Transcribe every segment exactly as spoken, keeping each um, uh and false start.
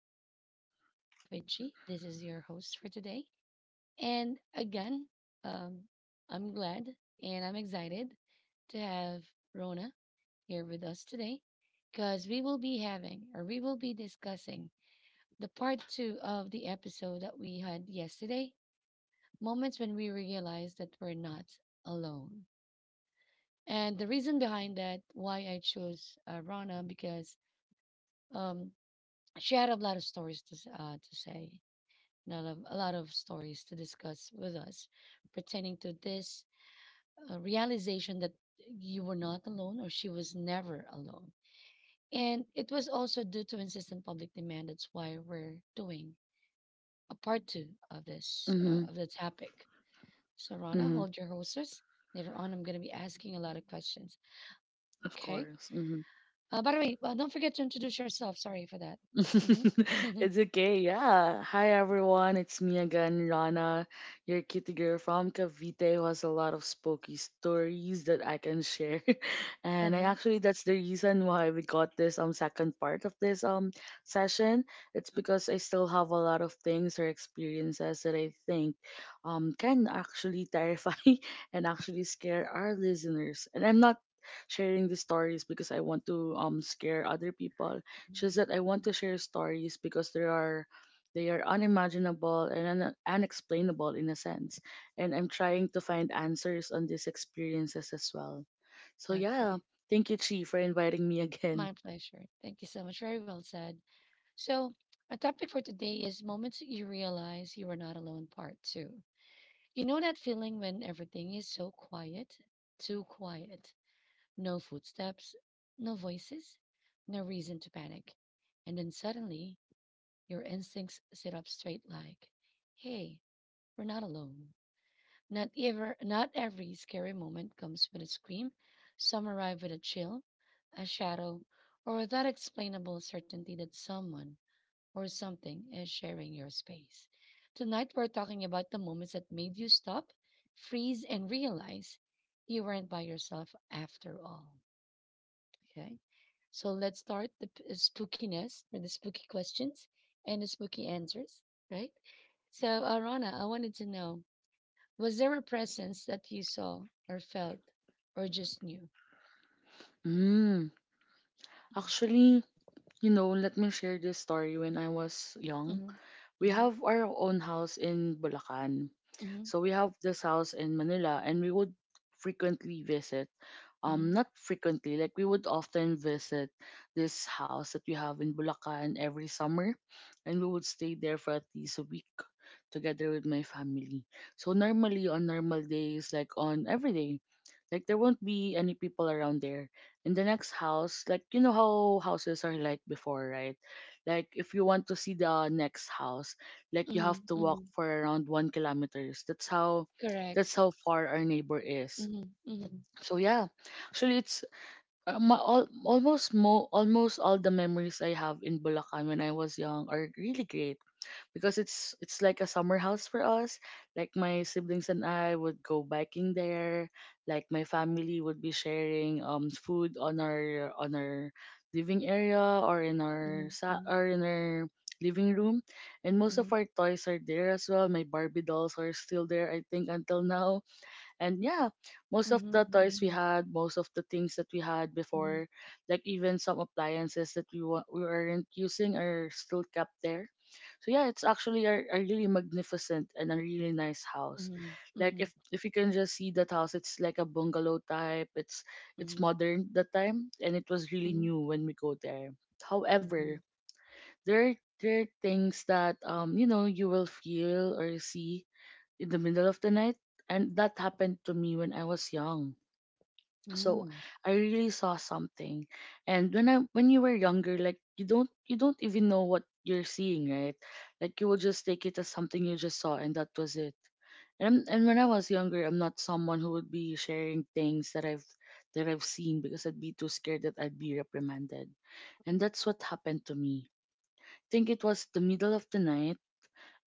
back to Daily Talk with G. This is your host for today. And again, um, I'm glad and I'm excited to have Rona here with us today because we will be having or we will be discussing the part two of the episode that we had yesterday moments when we realize that we're not alone. And the reason behind that, why I chose uh, Rona, because um, she had a lot of stories to, s- uh, to say lot of a lot of stories to discuss with us pertaining to this uh, realization that you were not alone or she was never alone. And it was also due to insistent public demand. That's why we're doing a part two of this uh, Mhm. of the topic. So Rana, Mhm. hold your horses. Later on, I'm going to be asking a lot of questions. Of Okay. course. Mhm. Uh, by the way, uh, don't forget to introduce yourself. Sorry for that. Mm-hmm. It's okay, yeah. Hi everyone, it's me again, Rana, your kitty girl from Cavite who has a lot of spooky stories that I can share. and I Uh-huh. actually that's the reason why we got this um second part of this um session. It's because I still have a lot of things or experiences that I think um can actually terrify and actually scare our listeners. And I'm not sharing these stories because I want to um scare other people, Mhm. just that I want to share stories because there are they are unimaginable and un- unexplainable in a sense. And I'm trying to find answers on these experiences as well. So yeah, Okay. thank you Chi for inviting me again. My pleasure. Thank you so much. Very well said. So, our topic for today is moments that you realize you are not alone, part two. You know that feeling when everything is so quiet, too quiet, no footsteps, no voices, no reason to panic. And then suddenly, your instincts sit up straight like, hey, we're not alone. Not ever, not every scary moment comes with a scream. Some arrive with a chill, a shadow, or that explainable certainty that someone or something is sharing your space. Tonight, we're talking about the moments that made you stop, freeze, and realize you weren't by yourself after all. Okay. So let's start the p- uh, spookiness or the spooky questions and the spooky answers, right? So, Arana, I wanted to know was there a presence that you saw or felt or just knew? Mm, actually, you know, let me share this story when I was young. Mm-hmm. We Mm-hmm. have our own house in Bulacan. Mm-hmm. So we have this house in Manila, and we would frequently visit, um not frequently, like we would often visit this house that we have in Bulacan every summer, and we would stay there for at least a week together with my family. So normally, on normal days, like on every day, like there won't be any people around there. In the next house, like, you know how houses are like before, right? Like if you want to see the next house, like you Mm-hmm. have to walk Mm-hmm. for around one kilometers. That's how that's Correct. how far our neighbor is. Mm-hmm. Mm-hmm. So yeah, actually it's uh, ma- all, almost mo almost all the memories I have in Bulacan when I was young are really great because it's it's like a summer house for us. Like my siblings and I would go biking there. Like my family would be sharing um food on our on our living area or in our sa- Mm-hmm. or in our living room, and most of Mhm, our toys are there as well. My Barbie dolls are still there, I think, until now. And yeah, most of mhm, the toys we mhm, had, most of the things that we had mhm, before, like even some appliances that we wa- we aren't using are still kept there. So yeah, it's actually a, a really magnificent and a really nice house. mhm, Like if mhm, if you can just see that house, it's like a bungalow type. It's it's mhm, modern that time, and it was really mhm, new when we go there. mhm, However, there are- there are things that um you know you will feel or see in the middle of the night. And that happened to me when I was young. So mhm, I really saw something. And when I when you were younger, like you don't you don't even know what you're seeing, right? Like you will just take it as something you just saw, and that was it. And and when I was younger, I'm not someone who would be sharing things that I've that I've seen because I'd be too scared that I'd be reprimanded. And that's what happened to me. Think it was the middle of the night,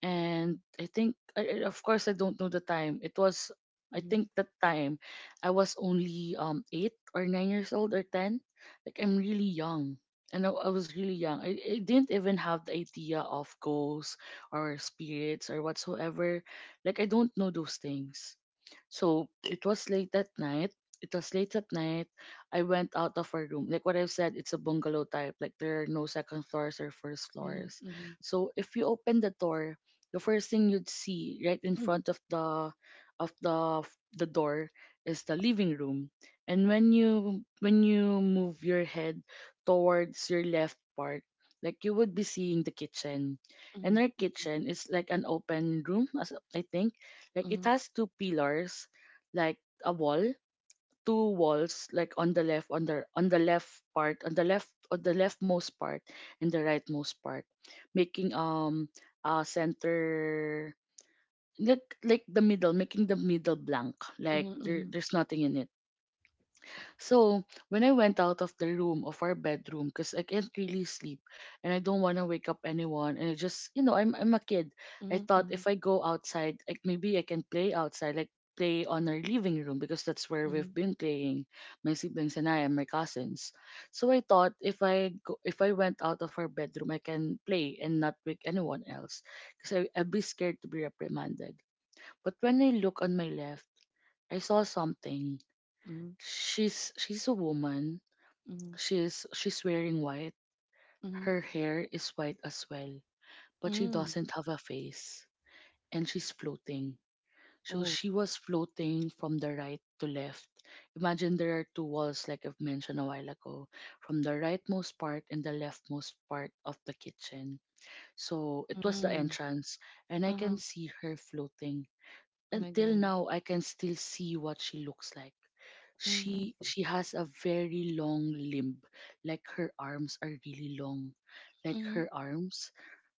and I think, I, I- of course, I don't know the time. It was, I mhm, mhm, think, that time I was only um eight or nine years old or ten. Like I'm really young, and I, I was really young. I, I didn't even have the idea of ghosts or spirits or whatsoever. Like I don't know those things. So it was late at night. It was late at night. I went out of our room. Like what I've said, it's a bungalow type. Like there are no second floors or first floors. mhm, So if you open the door, the first thing you'd see right in mhm, front of the of the the door is the living room. And when you when you move your head towards your left part, like you would be seeing the kitchen. mhm, mhm, And our mhm, kitchen is like an open room, as I think, like it mhm, has two pillars, like a wall, two walls, like on the left on the on the left part on the left on the leftmost part and the rightmost part, making um uh center, like like the middle, making the middle blank, like there, mhm, there's nothing in it. So when I went out of the room, of our bedroom, because I can't really sleep and I don't want to wake up anyone, and I just, you know I'm I'm a kid, I thought mhm, if I go outside, like maybe I can play outside, like play on our living room because that's where we've mhm, been playing, my siblings and I and my cousins. So I thought if I go, if I went out of our bedroom, I can play and not wake anyone else, because I'd be scared to be reprimanded. But when I look on my left, I saw something. She's she's a woman. mhm, She's she's wearing white. mhm. Her hair is white as well, but she Mhm. doesn't have a face, and she's floating. So Oh, she was floating from the right to left. Imagine there are two walls, like I've mentioned a while ago, from the rightmost part and the leftmost part of the kitchen. So it was the mm. entrance, and I can Uh-huh. see her floating. Oh my Until God. now, I can still see what she looks like. she Mm-hmm. she has a very long limb, like her arms are really long, like Mm-hmm. her arms.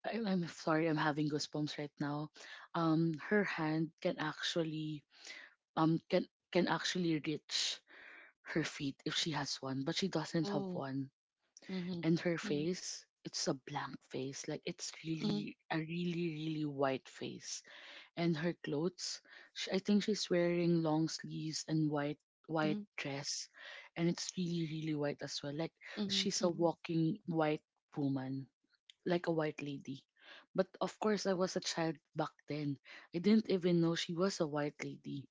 I, i'm sorry, i'm having goosebumps right now. Um her hand can actually, um can can actually reach her feet, if she has one, but she doesn't have Oh. one. Mm-hmm. And her Mm-hmm. face, it's a blank face, like it's Mm-hmm. really a really really white face. And her clothes. Sh I think she's wearing long sleeves and white, Mm-hmm. white dress, and it's really really white as well. Like she's a Mm-hmm. walking white woman, like a white lady. But of course, I was a child back then. I didn't even know she was a white lady.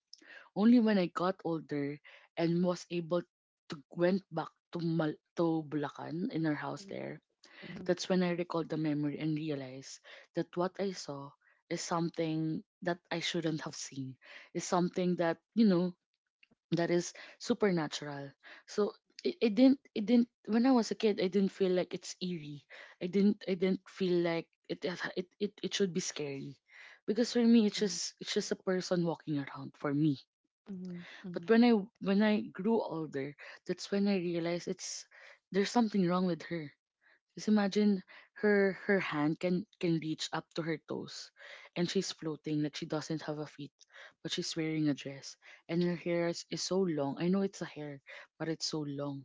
Only when I got older and was able to went back to Mal- to Bulacan, in her house there, Mm-hmm. that's when I recalled the memory and realized that what I saw is something that I shouldn't have seen, is something that, you know, that is supernatural. So, it, it didn't it didn't when I was a kid, I didn't feel like it's eerie. I didn't I didn't feel like it it it, it it should be scary. Because for me, it's just, it's just a person walking around for me. Mm-hmm. Mm-hmm. But when I when I grew older, that's when I realized, it's there's something wrong with her. Just imagine, her her hand can can reach up to her toes, and she's floating, like she doesn't have a feet, but she's wearing a dress. And her hair is, is so long. I know it's a hair, but it's so long.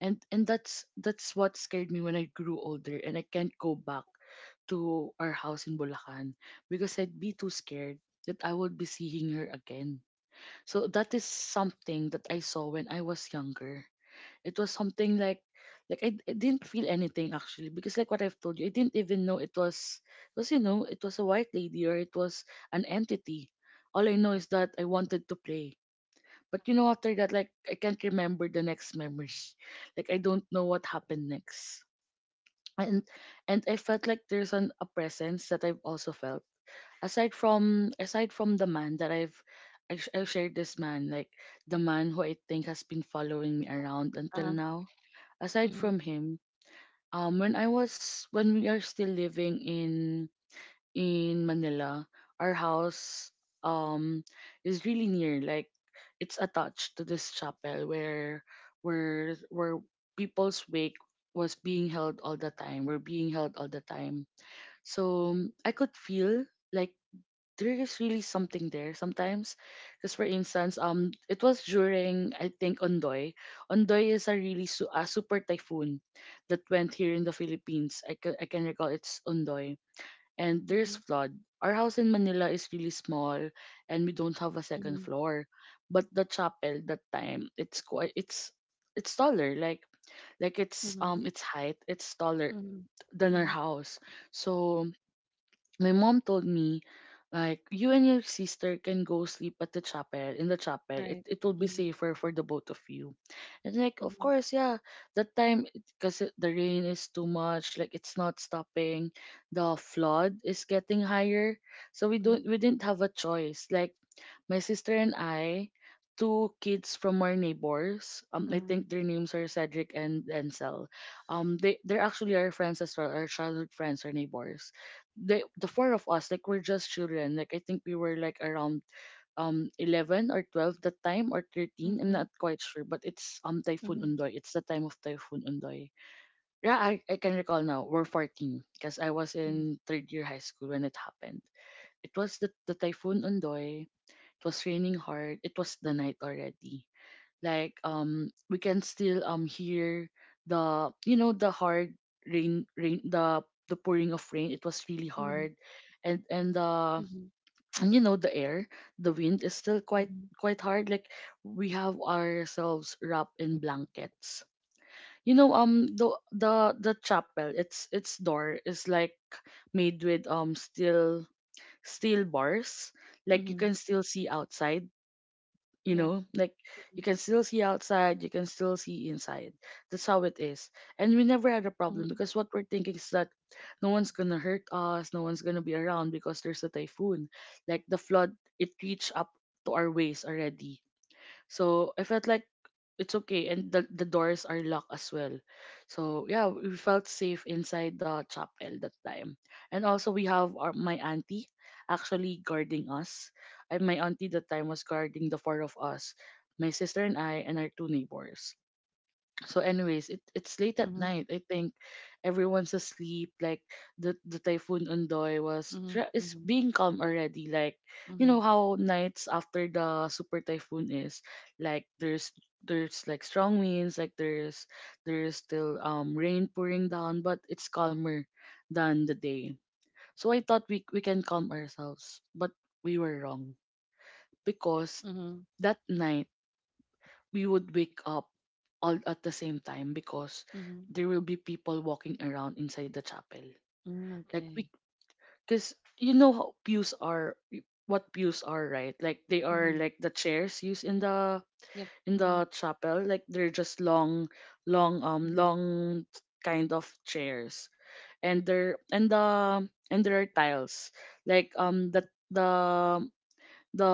And and that's that's what scared me when I grew older, and I can't go back to our house in Bulacan because I'd be too scared that I would be seeing her again. So that is something that I saw when I was younger. It was something like, like I, I didn't feel anything actually, because like what I've told you, I didn't even know it was, it was you know it was a white lady, or it was an entity. All I know is that I wanted to play. But you know, after that, like I can't remember the next memory. Like I don't know what happened next. And and I felt like there's an a presence that I've also felt, aside from aside from the man that I've I, sh- I shared. This man, like, the man who I think has been following me around until Uh-huh. now, aside Mm. from him, um, when I was when we are still living in in Manila, our house, um is really near. Like it's attached to this chapel where, where where people's wake was being held all the time. Were being held all the time. So I could feel, like, there is really something there sometimes. Because for instance, um, it was during, I think, Ondoy. Ondoy is a really su- a super typhoon that went here in the Philippines. I can I can recall it's Ondoy, and Mm-hmm. there's flood. Our house in Manila is really small, and we don't have a second Mm-hmm. floor. But the chapel that time, it's quite, it's it's taller, like like it's, Mm-hmm. um its height, it's taller than our Mm-hmm. house. So my mom told me, like, you and your sister can go sleep at the chapel, in the chapel. All it right. it will be Mm-hmm. safer for the both of you. And, like, of course, yeah, that time, because the rain is too much, like it's not stopping, the flood is getting higher, so we Mm-hmm. don't we didn't have a choice. Like my sister and I, two kids from our neighbors. Um, I Uh-huh. think their names are Cedric and Ansel. Um, they they're actually our friends as well, our childhood friends, our neighbors. They, the four of us, like we're just children. Like I think we were like around um eleven or twelve that time, or thirteen. I'm Mhm, not quite sure, but it's um Typhoon mhm, Undoy. It's the time of Typhoon Undoy. Yeah, I, I can recall now. We're fourteen because I was mhm, in third year high school when it happened. It was the the Typhoon Undoy. It was raining hard. It was the night already. Like um we can still um hear the, you know, the hard rain rain the the pouring of rain. It was really mhm, hard. And and uh mhm, and you know, the air, the wind is still quite mhm, quite hard. Like we have ourselves wrapped in blankets. You know, um the the the chapel, its its door is like made with um steel steel bars. Like you mhm. can still see outside, you Yep. know, like you can still see outside, you can still see inside. That's how it is, and we never had a problem Mhm, because what we're thinking is that no one's gonna hurt us, no one's gonna be around because there's a typhoon. Like the flood, it reached up to our waist already, so I felt like it's okay, and the, the doors are locked as well. So yeah, we felt safe inside the chapel that time. And also we have our, my auntie actually guarding us, and my auntie that time was guarding the four of us, my sister and I, and our two neighbors. So, anyways, it, it's late at mhm, night. I think everyone's asleep. Like the the typhoon Undoy was mhm, tra- is mhm, being calm already. Like mhm, you know mhm, how nights after the super typhoon is, like there's there's like strong winds. Like there's there's still um rain pouring down, but it's calmer than the day. So I thought we we can calm ourselves, but we were wrong because mhm, that night we would wake up all at the same time because mhm. there will be people walking around inside the chapel. Mm, Like okay. we, because you know how pews are, what pews are, right? Like they are Mhm. like the chairs used in the Yep. in Mhm, the chapel. Like they're just long, long, um, mhm, long kind of chairs, and there and the and there are tiles. Like um the the the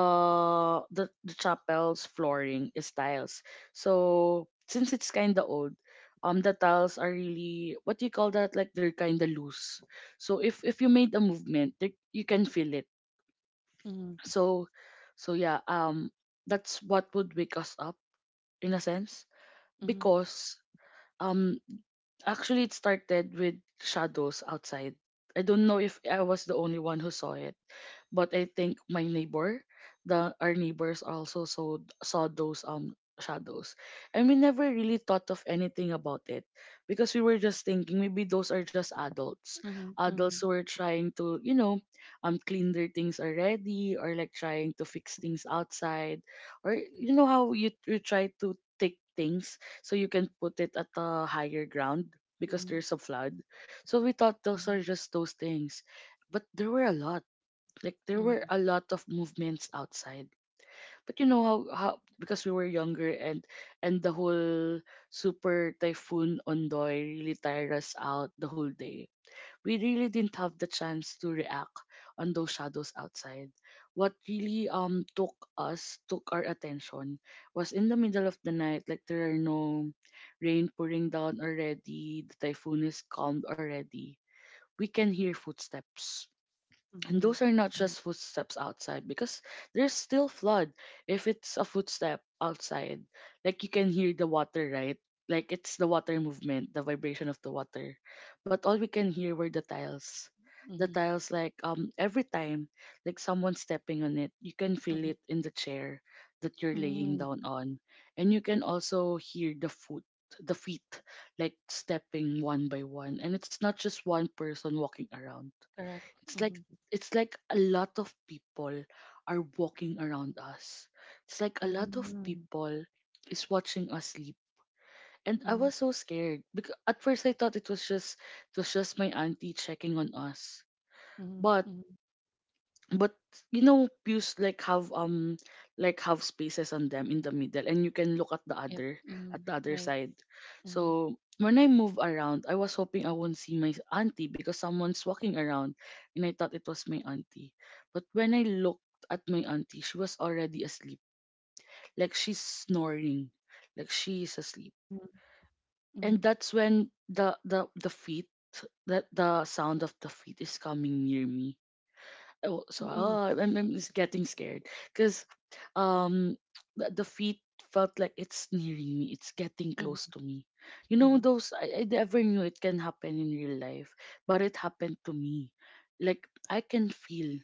the, the chapel's flooring is tiles. So since it's kind of old, um, the tiles are really, what do you call that? Like they're kind of loose. So if if you made a movement, they, you can feel it. mhm, So so yeah, um, that's what would wake us up, in a sense, mhm, because um actually it started with shadows outside. I don't know if I was the only one who saw it, but I think my neighbor, the our neighbors also saw saw those um shadows, and we never really thought of anything about it because we were just thinking maybe those are just adults, mhm, adults mhm, who are trying to, you know, um clean their things already, or like trying to fix things outside, or you know how you you try to take things so you can put it at a higher ground because mhm, there's a flood. So we thought those mhm, are just those things, but there were a lot, like there were mhm, a lot of movements outside. But you know how, how Because we were younger, and and the whole super typhoon Ondoy really tired us out the whole day. We really didn't have the chance to react on those shadows outside. What really um took us took our attention was in the middle of the night. Like there are no rain pouring down already, the typhoon is calmed already. We can hear footsteps, and mhm, those are not mhm, just footsteps outside because there's still flood. If it's a footstep outside, like you can hear the water, right? Like it's the water movement, the vibration of the water. But all we can hear were the tiles. The mhm, tiles, like um every time, like someone stepping on it, you can feel mhm. it in the chair that you're laying Mm, down on. And you can also hear the foot the feet, like stepping one by one, and it's not just one person walking around. correct. It's like Mhm, it's like a lot of people are walking around us. It's like a lot of mhm, people is watching us sleep. And I mhm, was so scared because at first I thought it was just it was just my auntie checking on us. mhm, But mhm. but you know pews like have um like have spaces on them in the middle, and you can look at the Yep. other at Mhm, the other right. side. Mhm, So when I move around, I was hoping I won't see my auntie because someone's walking around, and I thought it was my auntie. But when I looked at my auntie, she was already asleep. Like she's snoring, like she's asleep. mhm, And mhm, that's when the the the feet that the sound of the feet is coming near me. Oh, so mhm, oh, I'm, I'm just getting scared because um the, the feet felt like it's nearing me, it's getting mhm, close to me. You know mhm, those, I, I never knew it can happen in real life, but it happened to me. Like i can feel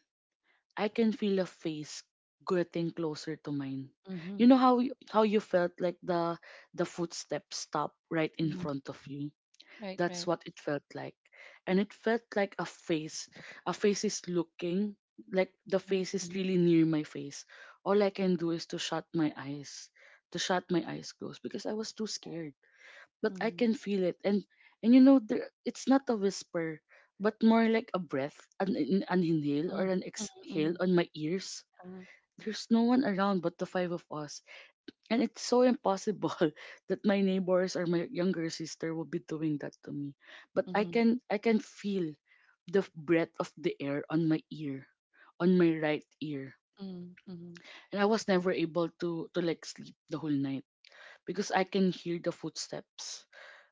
I can feel a face getting closer to mine. You mhm, know how you, how you felt like the the footsteps stop right in mhm. front of you. Right. That's Right. what it felt like. And it felt like a face. A face is looking, like the Mhm, face is mhm, really near my face. All I can do is to shut my eyes, to shut my eyes closed because I was too scared. But I can mhm, feel it. And and you know, there, it's not a whisper, but more like a breath, an, an inhale or mhm, an mhm, exhale mhm, on my ears. tama, There's no one around but the five of us, and it's so impossible that my neighbors or my younger sister will be doing that to me. But I mhm, can I can feel the f- breath of the air on my ear, on my right ear. mhm, mhm, And I was never able to to like sleep the whole night because I can hear the footsteps.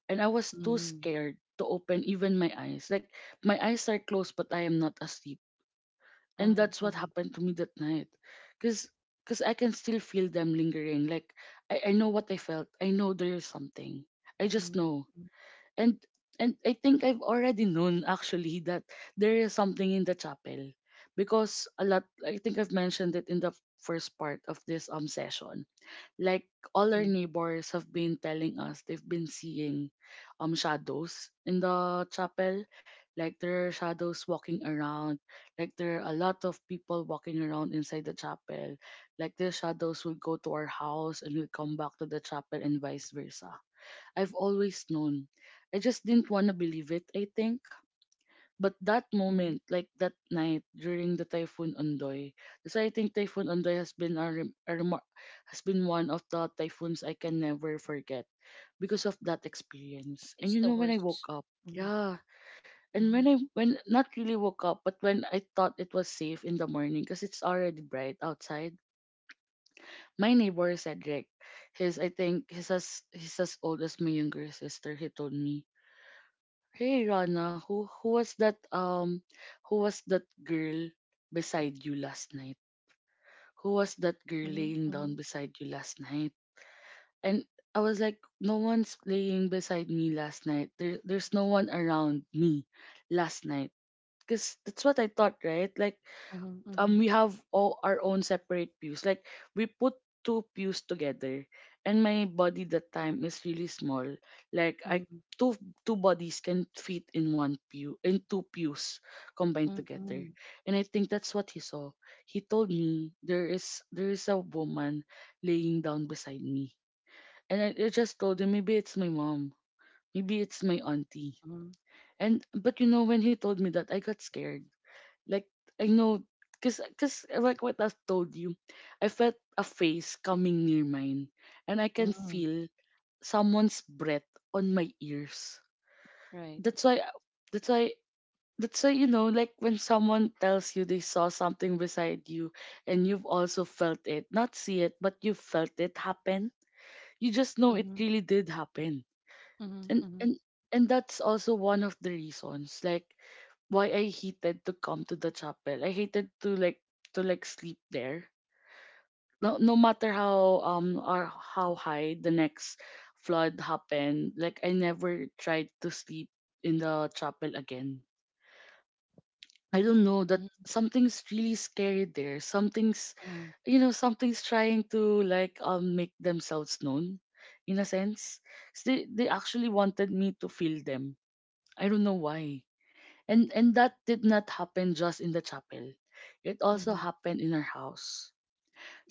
And I was too mhm, scared to open even my eyes. Like my eyes are closed, but I am not asleep. uh-huh, And that's uh-huh, what happened to me that night because because I can still feel them lingering. Like I, I know what I felt, I know there's something, I just mhm, know. mhm, And and I think I've already known, actually, that there is something in the chapel because a lot I think I've mentioned it in the first part of this um session. Like all our mhm, neighbors have been telling us they've been seeing um shadows in the chapel. Like there are shadows walking around, like there are a lot of people walking around inside the chapel. Like the shadows will go to our house and will come back to the chapel and vice versa. I've always known, I just didn't want to believe it, I think. But that mhm. moment, like that night during the typhoon Ondoy, that's why I think typhoon Ondoy has been a, rem- a remar- has been one of the typhoons I can never forget because of that experience. And It's you the know when I worst. woke up, Mhm, yeah, and mhm, when I when, not really woke up, but when I thought it was safe in the morning because it's already bright outside. My neighbor Cedric, his I think he's as he's as old as my younger sister. He told me, "Hey Rana, who who was that um who was that girl beside you last night? Who was that girl mhm, laying mhm, down beside you last night?" And I was like, no one's laying beside me last night. There there's no one around me last night. 'Cause that's what I thought, right? Like mhm, um mhm, we have all our own separate pews. Like we put two pews together, and my body that time is really small. Like I mhm, two two bodies can fit in one pew in two pews combined mhm, together. mhm, And I think that's what he saw. He told me there is there is a woman laying down beside me. And I, I just told him maybe it's my mom, maybe it's my auntie. mhm, And but you know when he told me that, I got scared. Like I know, cause, 'cause like what I told you, I felt a face coming near mine, and I can mhm. feel someone's breath on my ears. Right. That's why, that's why, that's why, you know, like when someone tells you they saw something beside you, and you've also felt it, not see it, but you felt it happen, you just know it Mhm, really did happen. mhm, and mhm, and and that's also one of the reasons. Like why I hated to come to the chapel. I hated to like to like sleep there. No no matter how um or how high the next flood happened, like I never tried to sleep in the chapel again. I don't know that mhm, something's really scary there. Something's mhm, you know, something's trying to like um make themselves known in a sense. 'Cause They they actually wanted me to feel them. I don't know why. And and that did not happen just in the chapel. It mhm, also mhm, happened in our house.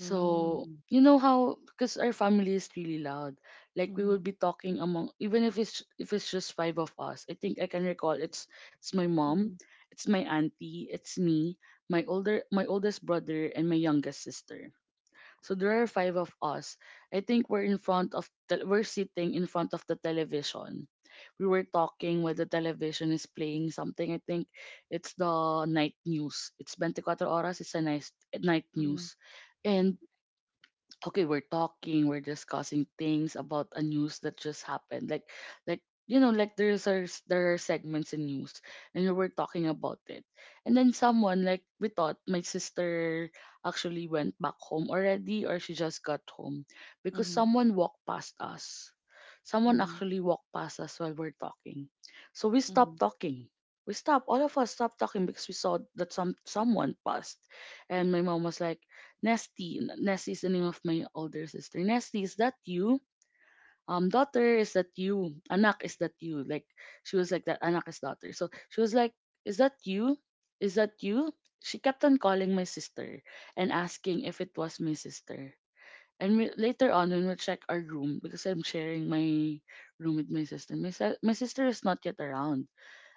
So you know how, because our family is really loud. Like we would mhm, be talking among, even if it's if it's just five of us. I think I can recall it's it's my mom, mhm, it's my auntie, it's me, my older my oldest brother, and my youngest sister. So there are five of us. I think we're in front of the, we're sitting in front of the television. We were talking while the television is playing something. I think it's the night news. It's twenty-four horas. It's a nice night mhm, news. And okay, we're talking we're discussing things about a news that just happened, like like you know like there's our, there are segments in news, and we were talking about it. And then someone, like, we thought my sister actually went back home already, or she just got home, because mhm, someone walked past us someone mhm, actually walked past us while we're talking. So we stopped mhm, talking, we stopped all of us stopped talking, because we saw that some someone passed. And my mom was like, Nesty. N- Nesty is the name of my older sister. Nesty, is that you? Um, daughter, is that you? Anak, is that you? Like she was like that. Anak is daughter. So she was like, is that you? Is that you? She kept on calling my sister and asking if it was my sister. And we, later on, when we check our room, because I'm sharing my room with my sister, my, si- my sister is not yet around,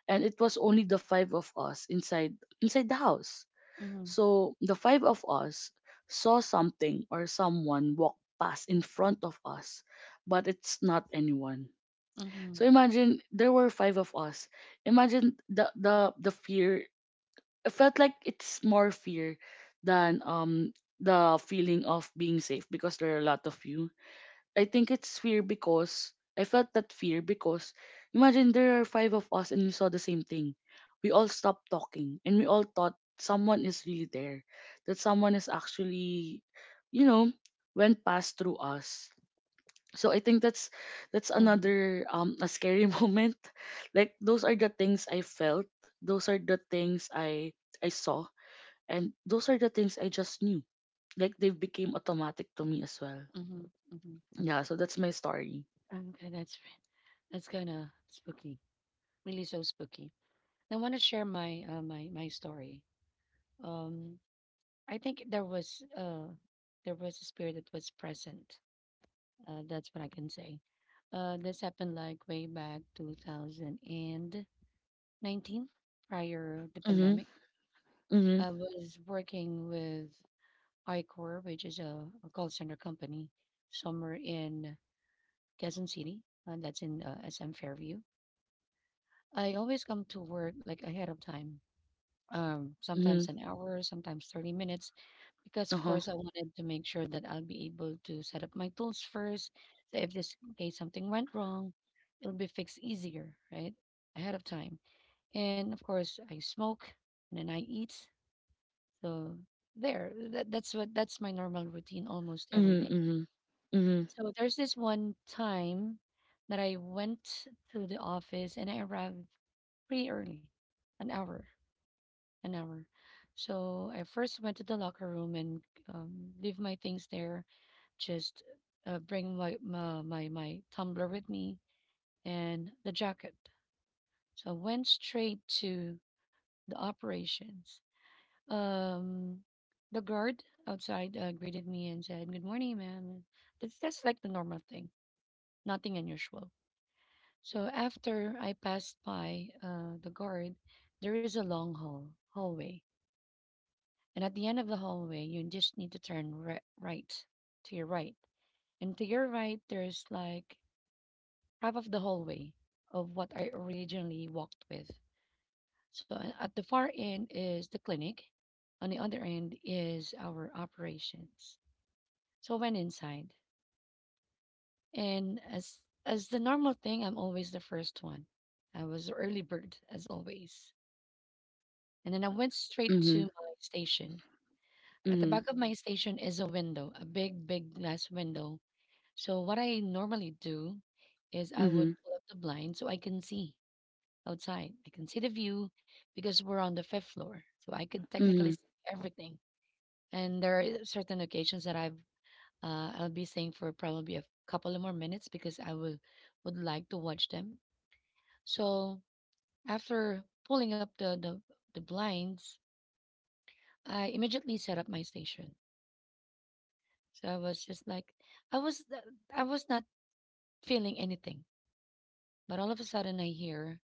and it was only the five of us inside inside the house. mhm, So the five of us saw something or someone walk past in front of us, but it's not anyone. So imagine there were five of us. Imagine the the the fear. It felt like it's more fear than um the feeling of being safe, because there are a lot of you. I think it's fear, because I felt that fear, because imagine there are five of us and we saw the same thing. We all stopped talking and we all thought someone is really there, that someone is actually, you know, went past through us. So I think that's that's mhm, another um a scary moment. Like those are the things I felt, those are the things I I saw, and those are the things I just knew. Like they became automatic to me as well. mhm, mhm. Yeah, so that's my story. Okay, that's that's kind of spooky, really so spooky. I want to share my uh, my my story. Um, I think there was uh there was a spirit that was present. Uh, that's what I can say. Uh, this happened like way back two thousand nineteen, prior the Mhm. pandemic. Mhm, I was working with iCor, which is a, a call center company, somewhere in Quezon City, and that's in uh, S M Fairview. I always come to work like ahead of time, um, sometimes mhm, an hour, sometimes thirty minutes, because of uh-huh. course I wanted to make sure that I'll be able to set up my tools first. So if this in case something went wrong, it'll be fixed easier, right? Ahead of time. And of course I smoke and then I eat. So there, that, that's what that's my normal routine almost every Mhm, day. mhm. Mhm, So there's this one time that I went to the office and I arrived pretty early, an hour an hour. So I first went to the locker room and um, leave my things there. Just uh, bring my, my my my tumbler with me and the jacket. So I went straight to the operations. Um, the guard outside uh, greeted me and said, "Good morning, ma'am." That's that's like the normal thing, nothing unusual. So after I passed by uh, the guard, there is a long hall hallway And at the end of the hallway, you just need to turn ri- right to your right. And to your right, there's like half of the hallway of what I originally walked with. So a- at the far end is the clinic. On the other end is our operations. So I went inside. And as as the normal thing, I'm always the first one. I was the early bird as always. And then I went straight to mhm, my station. At the mhm, back of my station is a window, a big, big glass window. So what I normally do is I would mhm, pull up the blind so I can see outside. I can see the view because we're on the fifth floor, so I could technically mhm, see everything. And there are certain occasions that I've uh, I'll be staying for probably a couple of more minutes because I will would like to watch them. So after pulling up the the, the blinds, I immediately set up my station. So I was just like, I was uh, I was not feeling anything, but all of a sudden I hear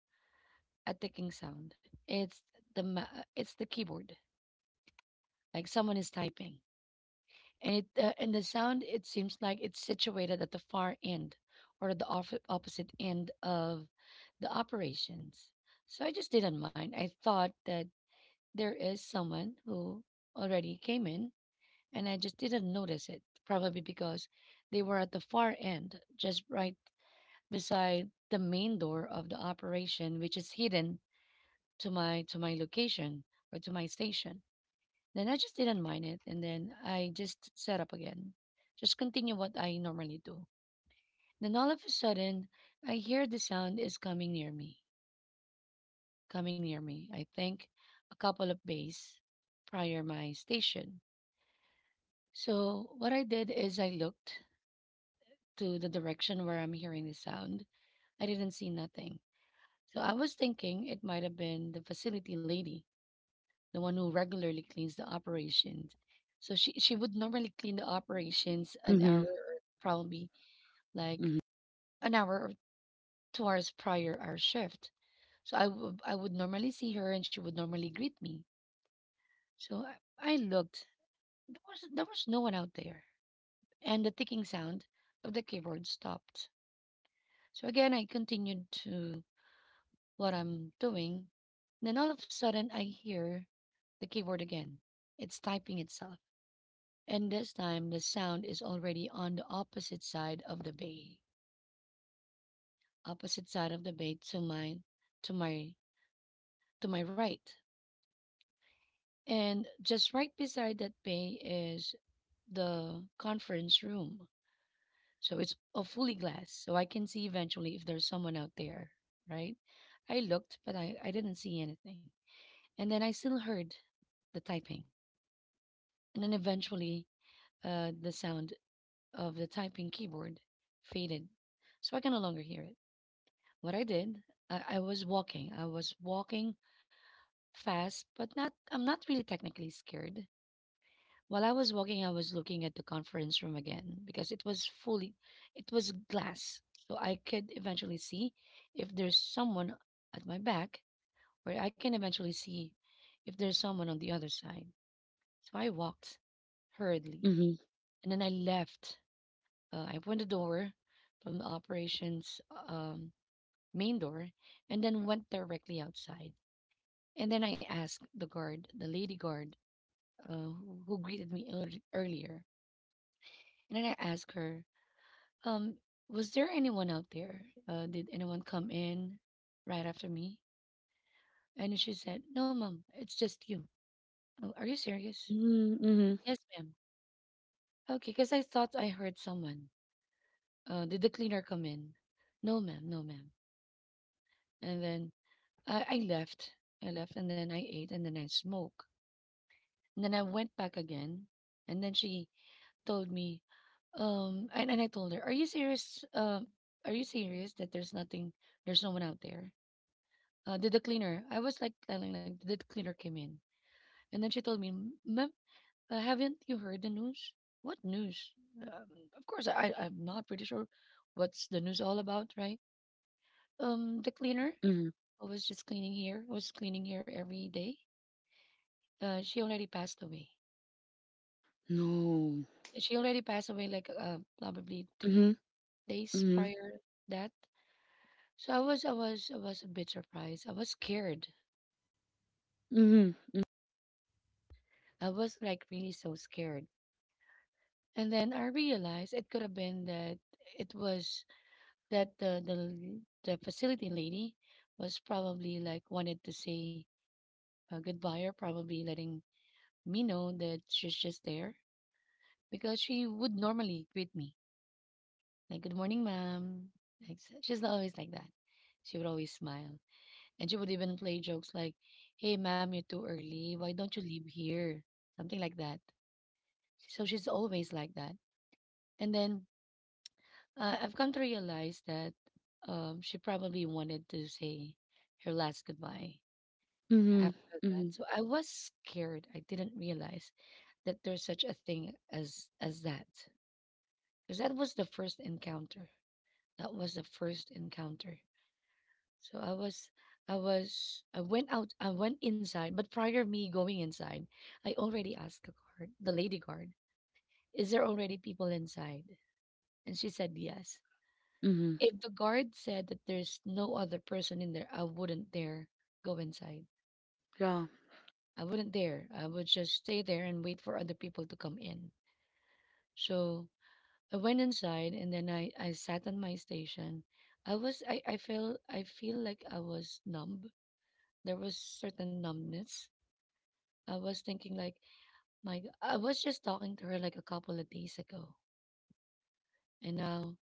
a ticking sound. It's the ma- it's the keyboard, like someone is typing, and it uh, and the sound, it seems like it's situated at the far end or the off- opposite end of the operations. So I just didn't mind. I thought that there is someone who already came in, and I just didn't notice it. Probably because they were at the far end, just right beside the main door of the operation, which is hidden to my to my location or to my station. Then I just didn't mind it, and then I just set up again, just continue what I normally do. Then all of a sudden, I hear the sound is coming near me, coming near me. I think a couple of bays prior my station. So what I did is I looked to the direction where I'm hearing the sound. I didn't see nothing. So I was thinking it might have been the facility lady, the one who regularly cleans the operations. So she she would normally clean the operations an hour mhm, or probably like mhm, an hour or two hours prior our shift. So I would I would normally see her and she would normally greet me. So I, I looked. There was there was no one out there. And the ticking sound of the keyboard stopped. So again I continued to what I'm doing. Then all of a sudden I hear the keyboard again. It's typing itself. And this time the sound is already on the opposite side of the bay opposite side of the bay to mine to my to my right, and just right beside that bay is the conference room, so it's a fully glass, so I can see eventually if there's someone out there, right? I looked, but i, I didn't see anything, and then I still heard the typing, and then eventually, uh, the sound of the typing keyboard faded, so I can no longer hear it. What I did, I, I was walking. I was walking fast, but not, I'm not really technically scared. While I was walking, I was looking at the conference room again because it was fully it was glass. So I could eventually see if there's someone at my back, or I can eventually see if there's someone on the other side. So I walked hurriedly mhm. and then I left. Uh, I opened the door from the operations, um, main door, and then went directly outside. And then I asked the guard, the lady guard, uh, who who greeted me earl- earlier. And then I asked her, um, was there anyone out there? Uh, did anyone come in right after me? And she said, "No, mom, it's just you." Oh, are you serious? Mm, mhm, Yes, ma'am. Okay, because I thought I heard someone. Uh, did the cleaner come in? No, ma'am, no, ma'am. And then I, I left. I left and then I ate and then I smoked. And then I went back again. And then she told me, um, and, and I told her, "Are you serious? Um, are you serious that there's nothing, there's no one out there? Uh, did the cleaner? I was like telling, like, did the cleaner came in?" And then she told me, "Ma'am, uh, haven't you heard the news? What news? Um, of course, I I'm not pretty sure what's the news all about, right? Um, the cleaner mhm. who was just cleaning here, was cleaning here every day. Uh, she already passed away. No. She already passed away, like, uh, probably three Mhm, days mhm, prior that." So I was I was I was a bit surprised. I was scared. mhm, mm, I was like really so scared. And then I realized it could have been that it was that the the the facility lady was probably like wanted to say uh, goodbye, or probably letting me know that she's just there, because she would normally greet me like good morning ma'am. Like s- she's always like that. She would always smile. And she would even play jokes like, "Hey, ma'am, you're too early. Why don't you leave here?" Something like that. So she's always like that. And then uh, I've come to realize that um, she probably wanted to say her last goodbye mhm, after that. mhm, So I was scared. I didn't realize that there's such a thing as as that, because that was the first encounter. That was the first encounter. So I was, I was, I went out, I went inside. But prior me going inside, I already asked the guard, the lady guard, is there already people inside? And she said yes. mhm. If the guard said that there's no other person in there, I wouldn't dare go inside. Yeah. I wouldn't dare. I would just stay there and wait for other people to come in. So I went inside, and then I, I sat on my station. I was I, I feel I feel like I was numb. There was certain numbness. I was thinking like, my g- I was just talking to her like a couple of days ago, and now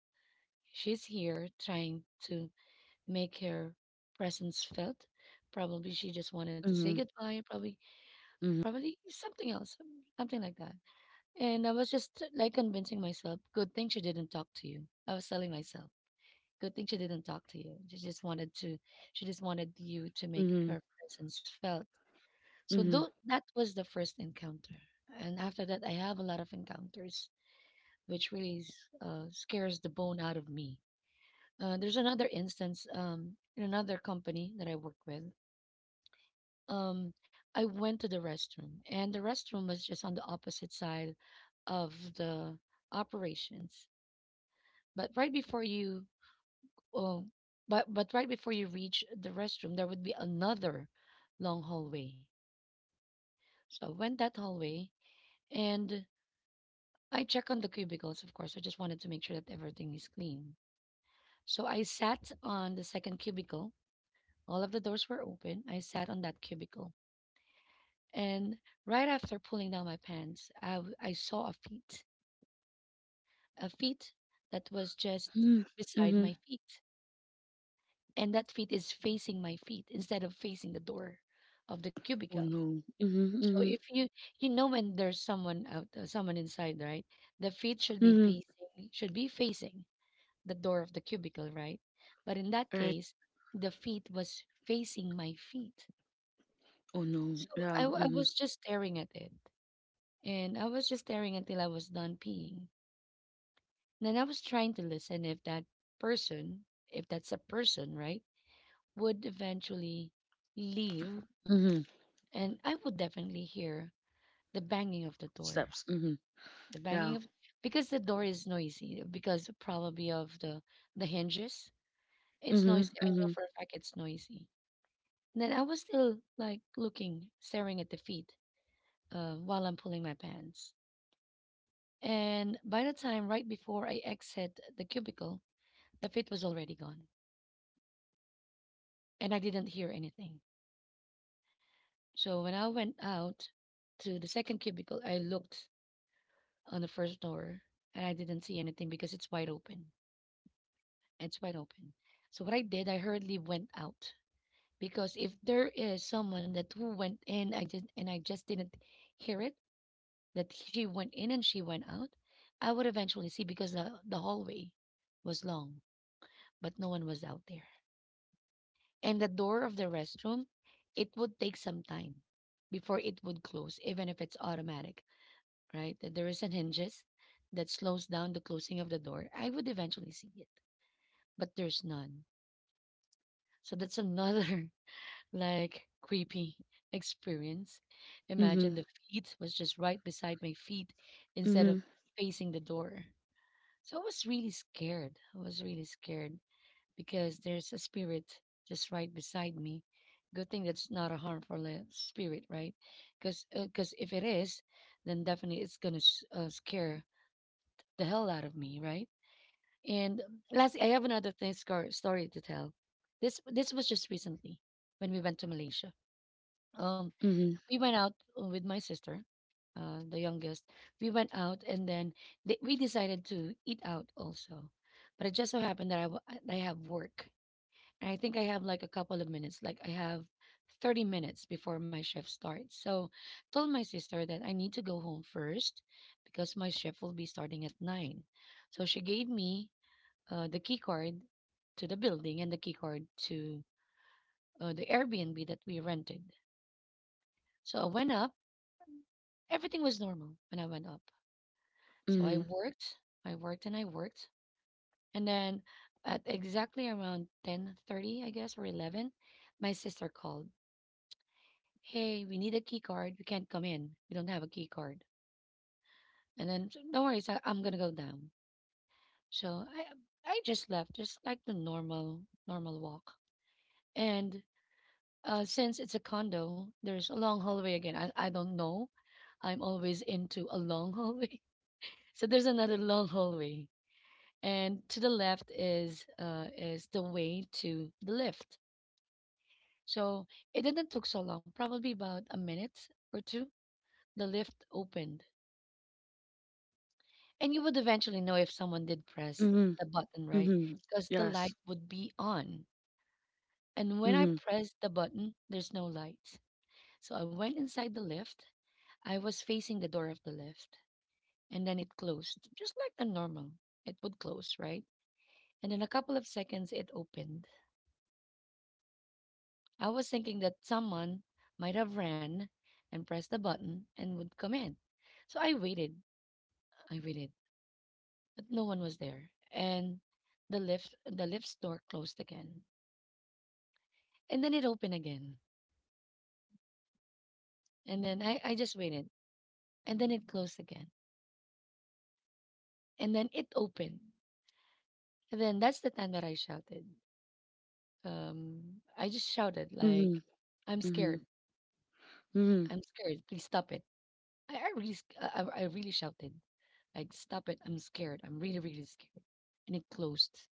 she's here trying to make her presence felt. Probably she just wanted to say Mhm, goodbye, probably mhm, probably something else, um, something like that. And I was just like convincing myself, good thing she didn't talk to you. I was telling myself, good thing she didn't talk to you. She just wanted to she just wanted you to make mhm, her presence felt. So mhm, though that was the first encounter, and after that, I have a lot of encounters, which really s- uh, scares the bone out of me. Uh, there's another instance um, in another company that I work with. Um, I went to the restroom, and the restroom was just on the opposite side of the operations. But right before you, oh, but but right before you reach the restroom, there would be another long hallway. So I went that hallway, and I check on the cubicles, of course. I just wanted to make sure that everything is clean. So I sat on the second cubicle. All of the doors were open. I sat on that cubicle. And right after pulling down my pants, I, w- I saw a feet, a feet that was just mm, beside mhm. my feet. And that feet is facing my feet instead of facing the door of the Oh, cubicle. no. Mhm, So mhm, if you you know when there's someone out uh, someone inside, right? The feet should be mhm. facing, should be facing the door of the cubicle, right? But in that Right. case, the feet was facing my feet. Oh, So no. I, Yeah. w- I was Mhm, just staring at it. And I was just staring until I was done peeing. Then I was trying to listen if that person, if that's a person, right, would eventually leave. mhm. And I would definitely hear the banging of the door. Steps. Mhm. The Yeah. banging of, because the door is noisy, because probably of the, the hinges. It's noisy. Mhm, I know mhm, for a fact it's noisy. And then I was still like looking, staring at the feet uh, while I'm pulling my pants. And by the time right before I exit the cubicle, the feet was already gone, and I didn't hear anything. So when I went out to the second cubicle, I looked on the first door, and I didn't see anything because it's wide open. It's wide open. So what I did, I hurriedly went out, because if there is someone that who went in, I just and I just didn't hear it, that she went in and she went out, I would eventually see, because the, the hallway was long, but no one was out there. And the door of the restroom, it would take some time before it would close, even if it's automatic, right? That there is an hinges that slows down the closing of the door. I would eventually see it, but there's none. So that's another like creepy experience. Imagine mhm, the feet was just right beside my feet instead of mhm, facing the door. So I was really scared. I was really scared because there's a spirit just right beside me. Good thing that's not a harmful uh, spirit, right? Because because if it is, then definitely it's gonna s uh, scare the hell out of me, right? And lastly, I have another thing scar- story to tell. This this was just recently when we went to Malaysia. Um, mhm, we went out uh, with my sister, uh, the youngest. We went out, and then they, we decided to eat out also. But it just so happened that I, w- I have work. And I think I have like a couple of minutes, like I have thirty minutes before my shift starts. So told my sister that I need to go home first, because my shift will be starting at nine. So she gave me uh, the key card to the building and the key card to uh, the Airbnb that we rented. So I went up. Everything was normal when I went up. So I mhm, worked, I worked and I worked. And then at exactly around ten thirty, I guess, or eleven, my sister called. "Hey, we need a key card. We can't come in. We don't have a key card." And then, "So don't worry, so I'm gonna go down." So I I just left, just like the normal normal walk. And uh, since it's a condo, there's a long hallway again. I, I don't know. I'm always into a long hallway. So there's another long hallway, and to the left is uh, is the way to the lift. So it didn't took so long, probably about a minute or two. The lift opened, and you would eventually know if someone did press mhm, the button, right? mhm. Because the light Yes. would be on. And when I Mm-hmm. pressed the button, there's no light. So I went inside the lift. I was facing the door of the lift, and then it closed, just like the normal. It would close, right? And in a couple of seconds, it opened. I was thinking that someone might have ran and pressed the button and would come in. So I waited, I waited, but no one was there. And the lift the lift's door closed again. And then it opened again. And then I, I just waited. And then it closed again. And then it opened. And then that's the time that I shouted. Um I just shouted Mm-hmm. like, "I'm Mm-hmm. scared. I'm Mm-hmm. scared. Please stop it." I, I really sc- I, I I really shouted. Like, "Stop it. I'm scared. I'm really, really scared." And it closed.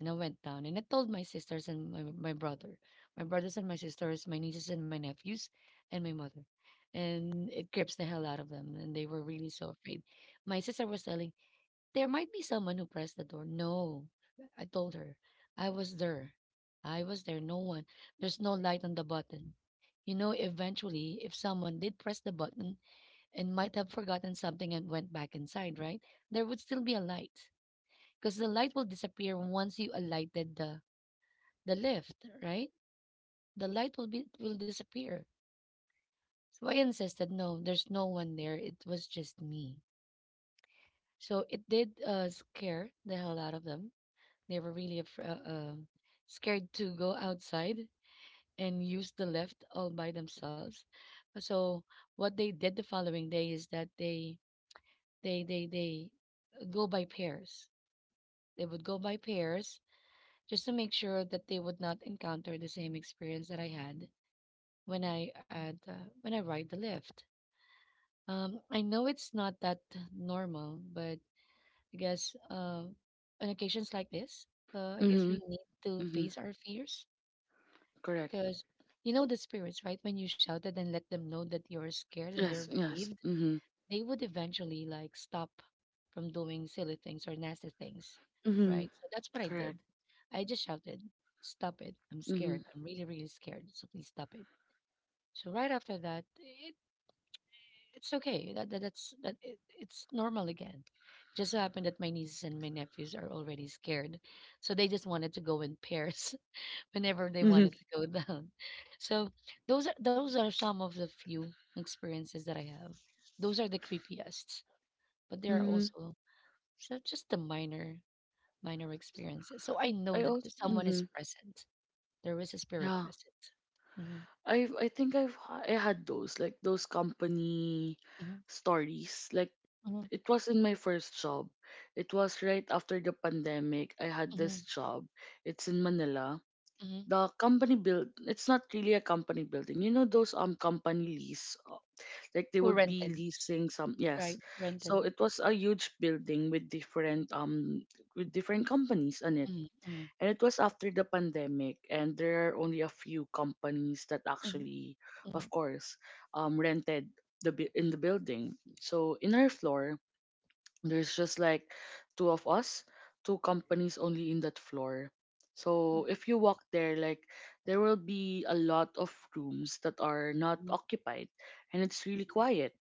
And I went down and I told my sisters and my, my brother, my brothers and my sisters, my nieces and my nephews, and my mother. And it grips the hell out of them. And they were really so afraid. My sister was telling, "There might be someone who pressed the door." No, I told her, I was there. I was there. No one. There's no light on the button. You know, eventually, if someone did press the button, and might have forgotten something and went back inside, right? There would still be a light, because the light will disappear once you alighted the the lift, right? The light will be will disappear. So I insisted, no, there's no one there. It was just me. So it did uh, scare the hell out of them. They were really af- uh, uh, scared to go outside and use the lift all by themselves. So what they did the following day is that they they they they uh, go by pairs. They would go by pairs, just to make sure that they would not encounter the same experience that I had when I had uh, when I ride the lift. Um, I know it's not that normal, but I guess uh, on occasions like this, uh, I guess Mm-hmm. we need to Mm-hmm. face our fears, Correct. because you know the spirits, right? When you shouted and let them know that you're scared and you're Yes. Yes. brave, Mm-hmm. they would eventually like stop from doing silly things or nasty things, Mm-hmm. right? So that's what I Correct. did. I just shouted, "Stop it! I'm Mm-hmm. scared. I'm really, really scared. So please stop it." So right after that, it, it's okay. That, that that's that it, it's normal again. Just so happened that my nieces and my nephews are already scared, so they just wanted to go in pairs whenever they Mm-hmm. wanted to go down. So those are those are some of the few experiences that I have. Those are the creepiest, but there are Mm-hmm. also. So just the minor minor experiences. So I know I that also. th- someone is Mm-hmm. present. There is a spirit Yeah. present. Hmm. I have I think I've ha- I had those, like those company Hmm. stories. Like Hmm. it was in my first job. It was right after the pandemic. I had this Hmm. job. It's in Manila. Hmm. The company build. It's not really a company building. You know those um company lease. Like they Who would be rented? leasing some, yes. Right, So rented. it was a huge building with different um with different companies on it. Mm, mm, And it was after the pandemic, and there are only a few companies that mm, actually, of mm, course, um rented the bu- in the building. So in our floor there's just like two of us, two companies only in that floor. So mm, if you walk there, like there will be a lot of rooms that are not mm, occupied, and it's really quiet.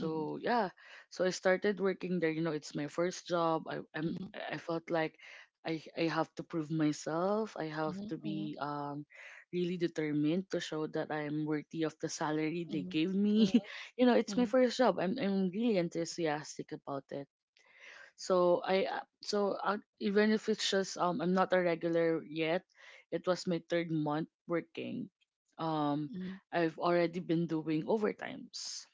mm, yeah, so I started working there. You know, it's my first job. I mm, I'm, mm, mm, I felt like I I have to prove myself. I have mm, to mm, be um really determined to show that I'm worthy of the salary mm, they mm, gave mm, mm, mm, mm, mm, mm, mm, me. mm, you know, it's mm, my mm, mm, first job. I'm I'm really enthusiastic about it. So I uh, so uh, even if it's just, um I'm not a regular yet, it was my third month working. Um, I've already been doing overtimes.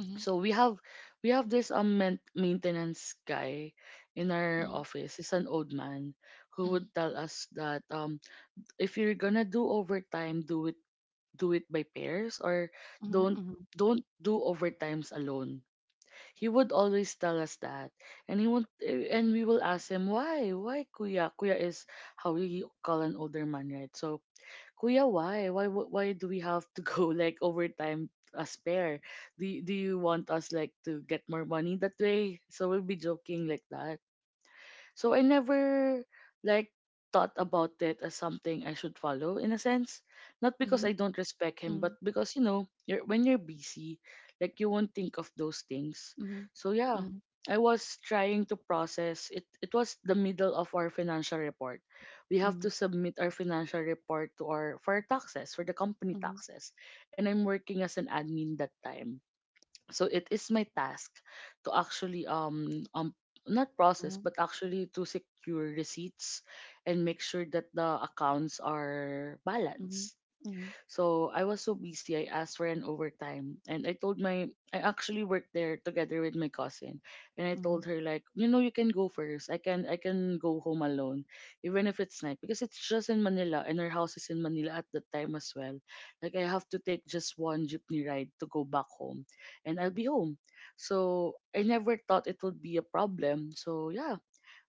mm, So we have we have this um main- maintenance guy in our office. He's an old man who mm, mm, mm, would tell us that, um if you're gonna do overtime, do it do it by pairs, or mm, don't mm, mm, don't do overtimes alone. He would always tell us that. And he won't, eh, and we will ask him, why? Why, Kuya? Kuya is how we call an older man, right? So, Kuya, why? Why wh- why do we have to go like overtime a spare? Do you, do you want us, like, to get more money that way? So we'll be joking like that. So I never, like, thought about it as something I should follow, in a sense. Not because I don't respect him, but because, you know, you're when you're busy, like, you won't think of those things. So yeah, I was trying to process it. It was the middle of our financial report. We have to submit our financial report, to our for our taxes, for the company taxes. And I'm working as an admin that time, so it is my task to actually um um not process, but actually to secure receipts and make sure that the accounts are balanced. So I was so busy, I asked for an overtime. And I told my, I actually worked there together with my cousin. And I told her, like, you know, you can go first. I can, I can go home alone, even if it's night, because it's just in Manila and her house is in Manila at that time as well. Like, I have to take just one jeepney ride to go back home, and I'll be home. So I never thought it would be a problem. So yeah,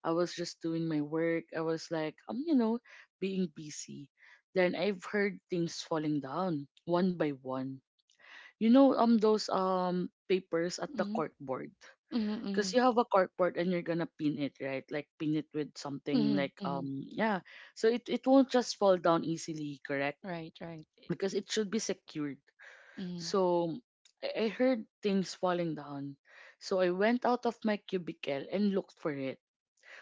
I was just doing my work. I was like, um, you know, being busy. Then I've heard things falling down, one by one. You know, um, those um papers at the corkboard. mm, 'Cause you mm, have a corkboard and you're gonna pin it, right? Like pin it with mm, something mm, like, mm. um yeah. So it, it won't just fall down easily, correct? Right, right. Because it should be secured. Mm, So I I heard things falling down. So I went out of my cubicle and looked for it.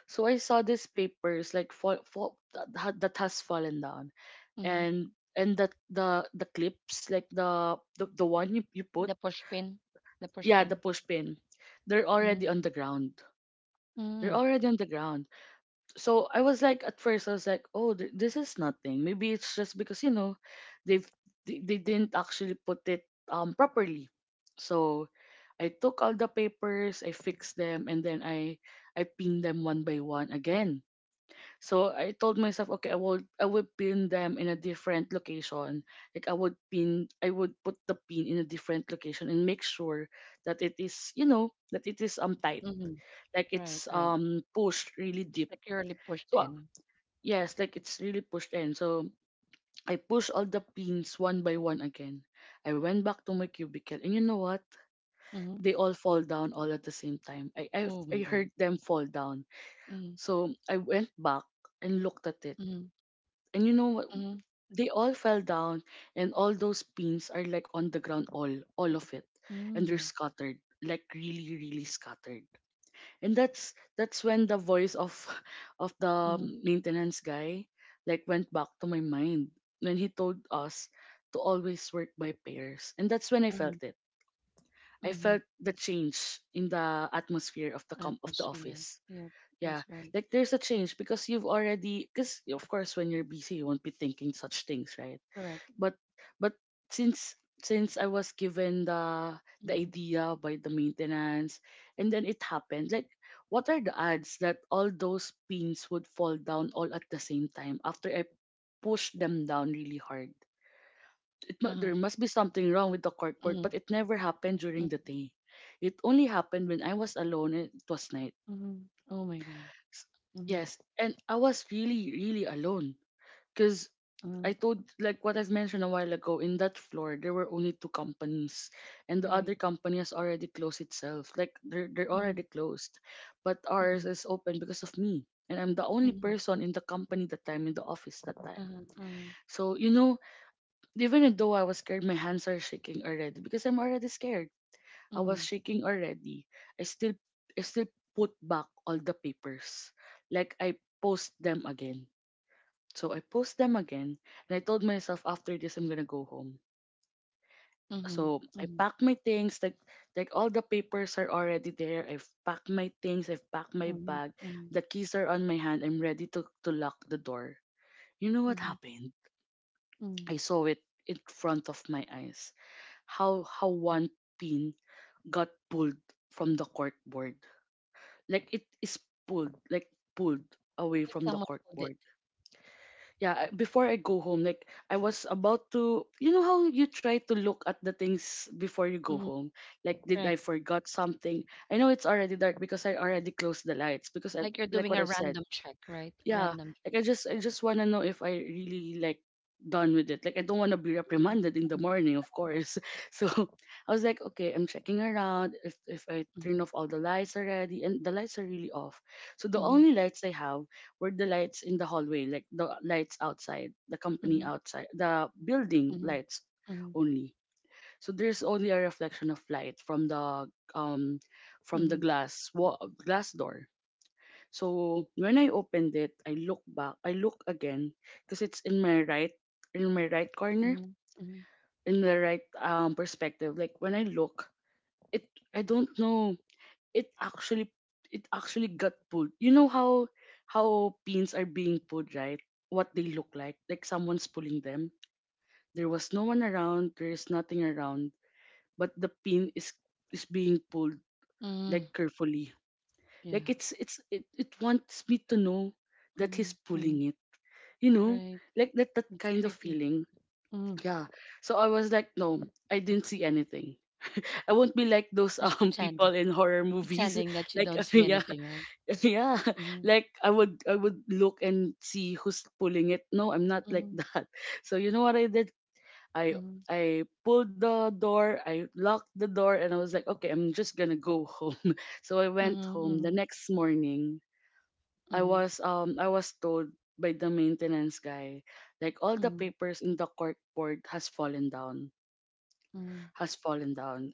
So I saw these papers like fall, fall that, ha- that has fallen down, mm. and and that the the clips, like the the, the one you, you put, The pushpin, the yeah, the pushpin. push pin, they're Mm, already on the ground. They're mm, already on the ground. So I was like, at first I was like, oh, th- this is nothing. Maybe it's just because, you know they've they, they didn't actually put it um properly. So I took all the papers, I fixed them, and then I I pinned them one by one again. So I told myself, okay, I will I would pin them in a different location. Like I would pin I would put the pin in a different location, and make sure that it is, you know, that it is um tight. mm. Like Right, it's right. um pushed really deep. Securely pushed So uh, in. yes, like it's really pushed in. So I push all the pins one by one again. I went back to my cubicle, and you know what? Mm-hmm. They all fall down all at the same time. I I, Oh I my heard God. them fall down. Mm, So I went back and looked at it. mm, And you know what? mm, They all fell down, and all those pins are like on the ground, all, all of it, and they're mm, scattered, like really, really scattered. And that's that's when the voice of of the mm, maintenance guy, like, went back to my mind, when he told us to always work by pairs. And that's when I felt mm, it. I mm. felt the change in the atmosphere of the com- of the Atmosphere. office. Yep, Yeah, that's right. like there's a change, because you've already because of course when you're busy you won't be thinking such things, right? Correct. But but since since I was given the the Mm, idea by the maintenance, and then it happened, like, what are the odds that all those pins would fall down all at the same time after I pushed them down really hard? It mu- uh-huh. there must be something wrong with the cardboard, Mm, but it never happened during mm, the day. It only happened when I was alone and it was night. mm. Oh my God. S- Mm, Yes, and I was really, really alone because I mm. told, like what I've mentioned a while ago, in that floor there were only two companies, and the other Right. company has already closed itself. Like they're they're already Mm, closed, but ours mm, is open because of me, and I'm the only mm. person in the company that time in the office that time. Uh-huh, uh-huh. So you know, even though I was scared, my hands are shaking already because I'm already scared. I was Mm, shaking already. I still I still put back all the papers. Like I post them again. So I post them again and I told myself after this I'm gonna go home. mm, So I mm, packed my things, like like all the papers are already there. I've packed my things, I've packed my mm, bag, mm, the keys are on my hand, I'm ready to, to lock the door. You know mm, what mm. happened? Mm. I saw it in front of my eyes. How how one pin got pulled from the corkboard, like it is pulled, like pulled away It's like from the someone pulled it. corkboard. Yeah, I- before I go home, like I was about to, you know how you try to look at the things before you go Mhm, home, like did right. I forgot something. I know it's already dark because I already closed the lights because I, Like you're like doing what a I've said. random check, right? Yeah, Random check. like i just i just want to know if I really, like, done with it. Like I don't want to be Mhm, reprimanded in the morning, of course so I was like okay I'm checking around if if I mhm, turn off all the lights already and the lights are really off. So the mhm, only lights I have were the lights in the hallway, like the lights outside the company, mhm, outside the building mhm, lights mhm, only. So there's only a reflection of light from the um from the mhm, glass wa- glass door. So when I opened it, I look back, I look again because it's in my right, in my right corner, mhm, mhm, in the right um perspective. Like when I look, it, I don't know. It actually it actually got pulled. You know how how pins are being pulled, right? What they look like, like someone's pulling them. There was no one around. There is nothing around, but the pin is is being pulled mhm. like carefully. Like Yeah. it's it's it, it wants me to know that he's Mhm, mhm. pulling it, you know, Right. like that that It's kind of creepy. feeling. Mhm. Yeah, so I was like no, I didn't see anything. I won't be like those Just um pretend. people in horror movies Pretending that you like don't see yeah anything, right? yeah, Mhm, like i would i would look and see who's pulling it. No, I'm not like mhm, that so you know what I did. i mhm, i pulled the door, I locked the door, and I was like okay I'm just gonna go home so I went mhm, home. The mhm, next morning I mhm, was um I was told by the maintenance guy like all the mhm, papers in the cork board has fallen down, mhm, has fallen down.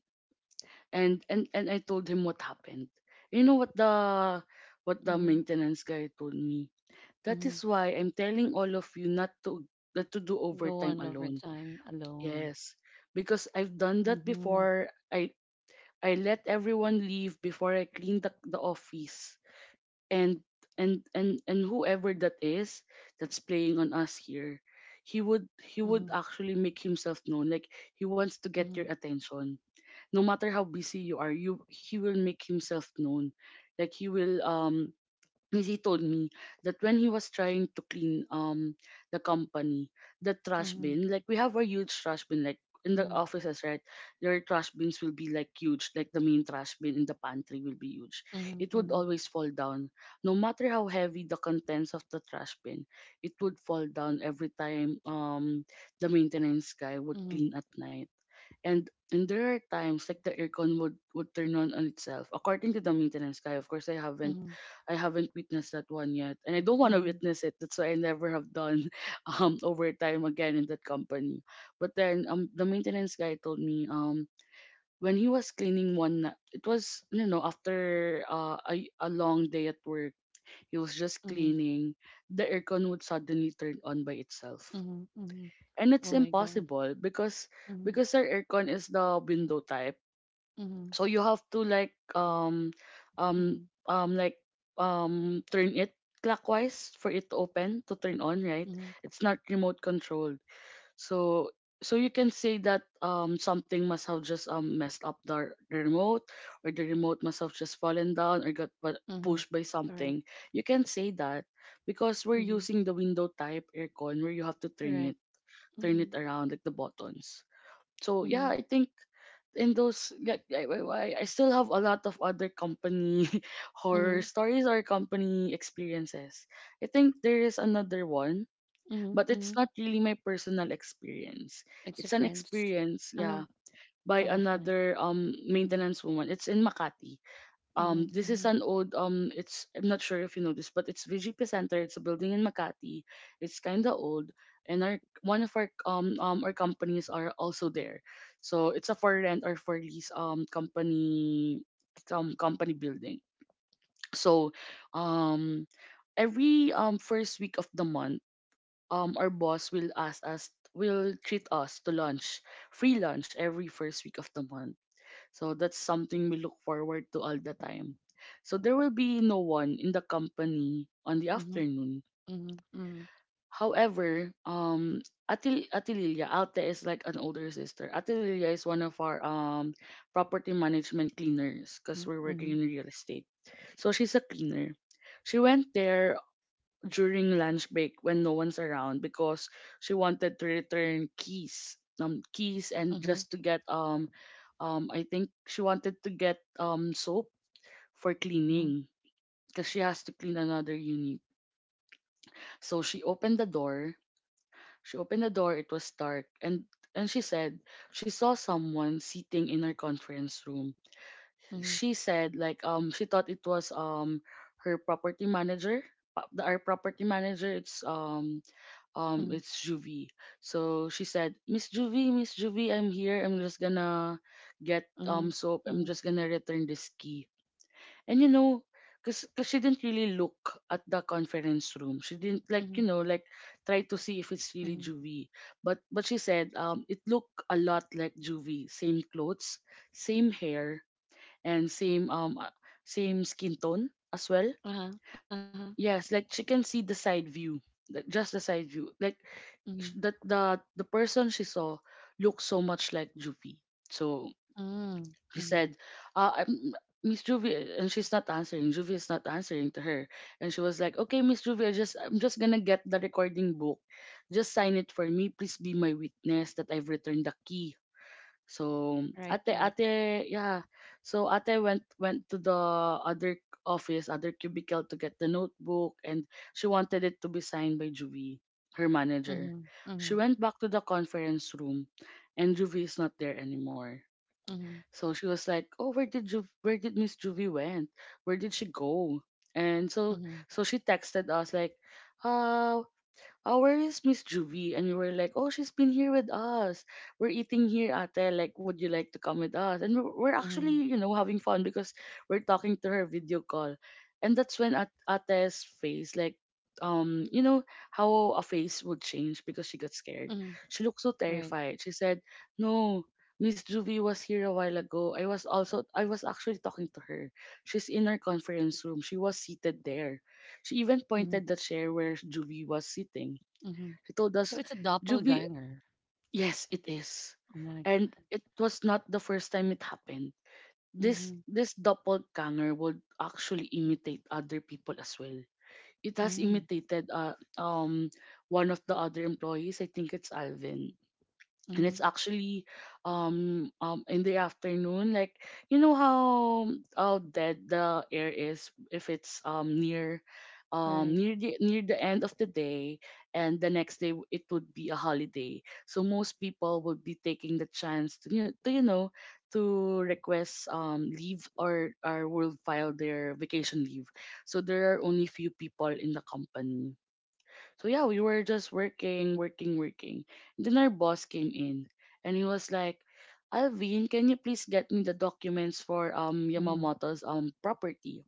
And and and I told him what happened. You know what the what the mhm, maintenance guy told me? That mhm. is why I'm telling all of you not to, not to do Go overtime on over alone. time alone. Yes, because I've done that Mm-hmm. before. I I let everyone leave before I cleaned the, the office. And and and and whoever that is, that's playing on us here, he would he would Mm-hmm. actually make himself known. Like he wants to get your Mm-hmm. attention, no matter how busy you are. You, he will make himself known. Like he will, um he told me that when he was trying to clean um the company, the trash Mm-hmm. bin, like we have our huge trash bin, like in the Mm-hmm. offices, right? Your trash bins will be like huge, like the main trash bin in the pantry will be huge. Mm-hmm. It would Mm-hmm. always fall down. No matter how heavy the contents of the trash bin, it would fall down every time um the maintenance guy would Mhm, clean at night. And and there are times like the aircon would, would turn on on itself. According to the maintenance guy, of course I haven't, mhm, I haven't witnessed that one yet. And I don't want to mhm, witness it. That's why I never have done um overtime again in that company. But then um the maintenance guy told me um when he was cleaning one na- it was, you know, after uh, a, a long day at work, he was just mhm, cleaning, the aircon would suddenly turn on by itself, mhm, mhm. and it's Oh my God. impossible because Mhm, because our aircon is the window type, mhm, so you have to like um um mhm, um like um turn it clockwise for it to open, to turn on, right? mhm, It's not remote controlled, so so you can say that um something must have just um messed up the, the remote, or the remote must have just fallen down or got pu- mhm. pushed by Correct. something. You can say that because we're Mhm, using the window type aircon where you have to turn it, correct. turn it Mhm, around, like the buttons. So yeah, mhm, I think in those, like, I, I I still have a lot of other company horror mhm, stories or company experiences. I think there is another one, mhm, but it's mhm. not really my personal experience. It's a It's an friends. experience, Uh, yeah, by of a friend. another um Mhm, maintenance woman. It's in Makati. Um, mhm, this is mhm, an old um. It's, I'm not sure if you know this, but it's V G P Center. It's a building in Makati. It's mhm, kind of old, and our one of our um um our companies are also there. So it's a for rent or for lease um company um company building. So, um, every um first week of the month, um our boss will ask us, will treat us to lunch, free lunch every first week of the month, so that's something we look forward to all the time. So there will be no one in the company on the mhm, afternoon. mhm, mhm, However, um, Atil Atililia, Alte is like an older sister. Atililia is one of our um property management cleaners because we're working mhm, in real estate. So she's a cleaner. She went there during lunch break when no one's around because she wanted to return keys um keys and mhm, just to get um um I think she wanted to get um soap for mhm, cleaning because she has to clean another unit. So she opened the door. She opened the door. It was dark, and and she said she saw someone sitting in her conference room. mhm, mhm, She said like um she thought it was um her property manager. pa- the- Our property manager, it's um um mhm, it's Juvie. So she said, Miss Juvie, Miss Juvie, I'm here. I'm just gonna get mhm, um mhm, soap. I'm just gonna return this key. And you know, cause, 'cause she didn't really look at the conference room. She didn't, like, mhm, you know, like try to see if it's really mhm. Juvie. But but she said um it looked a lot like Juvie. Same clothes, same hair, and same um uh, same skin tone as well. Uh-huh, uh-huh. Yes, like she can see the side view. Like just the side view. Like Mhm, sh- the the the person she saw looked so much like Juvie. So mhm, he mhm. said, uh, I'm- Miss Juvie, and she's not answering. Juvie is not answering to her, and she was like, "Okay, Miss Juvie, I just, I'm just gonna get the recording book. Just sign it for me. Please be my witness that I've returned the key, so Right, ate right. ate yeah." So ate went went to the other office, other cubicle to get the notebook, and she wanted it to be signed by Juvie, her manager. Mhm, mhm, She went back to the conference room and Juvie is not there anymore. mhm, So she was like, "Oh, where did Juv where did Miss Juvie went? Where did she go?" And so mhm, so she texted us like, "Uh, oh, where is Miss Juvie?" And we were like, oh, she's been here with us. We're eating here, ate. Like, would you like to come with us? And we're, we're actually, mhm. you know, having fun because we're talking to her video call. And that's when at, ate's face, like, um, you know, how a face would change because she got scared. Mhm, She looked so right. terrified. She said, no, Miss Juvie was here a while ago. I was also, I was actually talking to her. She's in our conference room. She was seated there. She even Mhm, pointed the chair where Juvie was sitting. mhm. He told So us, it's a Juby, doppelganger. yes, it is. Oh my And god. it was not the first time it happened. This Mhm, this doppelganger would actually imitate other people as well. It has mhm, imitated uh, um one of the other employees. I think it's Alvin, and mhm. it's actually um um in the afternoon, like you know how, um, how dead the air is if it's um near um Right. near the near the end of the day. And the next day w- it would be a holiday, so most people would be taking the chance to you know, to you know to request um leave or or will file their vacation leave. So there are only few people in the company, so yeah, we were just working, working, working. Then our boss came in and he was like, Alvin, can you please get me the documents for um Mhm, Yamamoto's um property?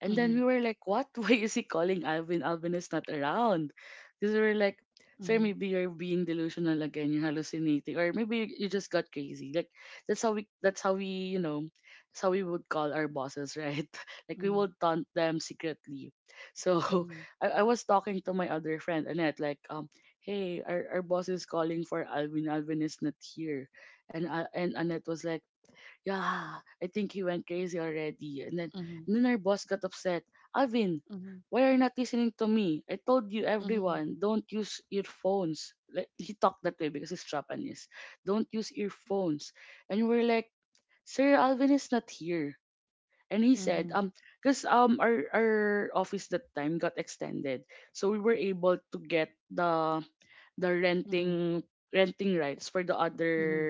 And then we were like, what? Why is he calling Alvin? Alvin is not around. Because we were like, sir, mhm, maybe you're being delusional again. You're hallucinating, or maybe you just got crazy. Like that's how we. That's how we. You know, that's how we would call our bosses, right? Like we mhm, would taunt them secretly. So I, I was talking to my other friend Annette, like, um, hey, our, our boss is calling for Alvin. Alvin is not here, and uh, and Annette was like, yeah, I think he went crazy already. And then, mhm, and then our boss got upset. Alvin, mhm, why are you not listening to me? I told you, mhm, everyone, don't use earphones. Like, he talked that way because he's Japanese. Don't use earphones. And we're like, sir, Alvin is not here. And he mhm, said, mhm, um, because um our our office that time got extended, so we were able to get the the mhm, renting renting rights for the other mhm.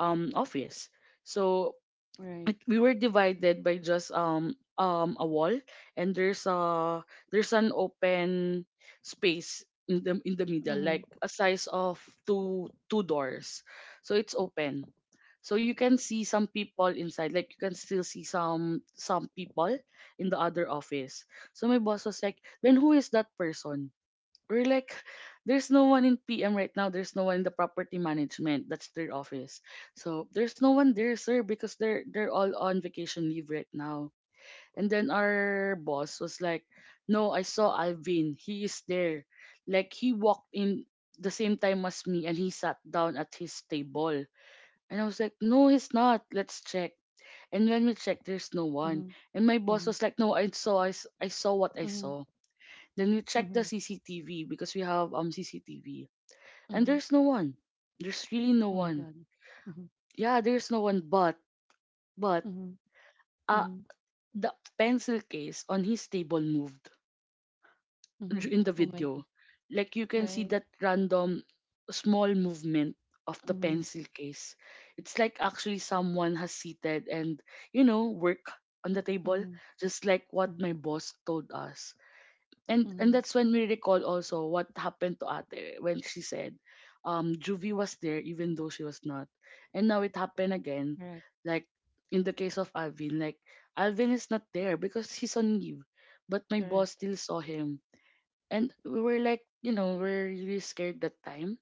um office. So Right. it- we were divided by just um um a wall, and there's a there's an open space in the in the middle, like Mhm, a size of two two doors, so it's open, so you can see some people inside, like you can still see some some people in the other office. So my boss was like, then who is that person? We're like, there's no one in P M right now. There's no one in the property management. That's their office. So there's no one there, sir, because they're they're all on vacation leave right now. And then our boss was like, no, I saw Alvin. He is there. Like he walked in the same time as me and he sat down at his table. And I was like, no, he's not. Let's check. And when we checked, there's no one. mhm, And my boss mhm, was like, no, I saw I, s- I saw what I mhm, saw. Then we checked the mhm, C C T V, because we have um C C T V, and mhm. there's no one. There's really no Oh my one. god. Mhm, Yeah, there's no one. But but mhm, uh mhm, the pencil case on his table moved, mhm. dur- in the Oh my god. video. Like you can Right. see that random small movement of the Mhm, pencil case. It's like actually someone has seated and, you know, work on the table, mhm, just like what mhm, my boss told us. and and mhm. that's when we recall also what happened to ate, when she said um Juvie was there even though she was not. And now it happened again, Correct. like in the case of Alvin. Like Alvin is not there because he's on leave, but my Correct. boss still saw him. And we were like, you know, we're really scared that time.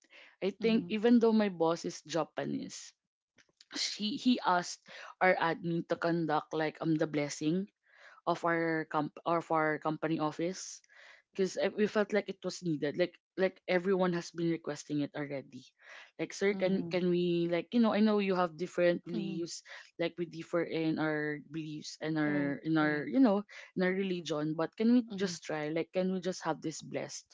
I think, Mhm, even though my boss is Japanese, she he asked our admin to conduct like um the blessing of our comp of our company office, because we felt like it was needed. Like like everyone has been requesting it already. Like sir, can mhm, can we, like, you know, I know you have different mhm. beliefs. Like we differ in our beliefs and Correct. our in our, Correct. you know, in our religion. But can we just try? Like can we just have this blessed?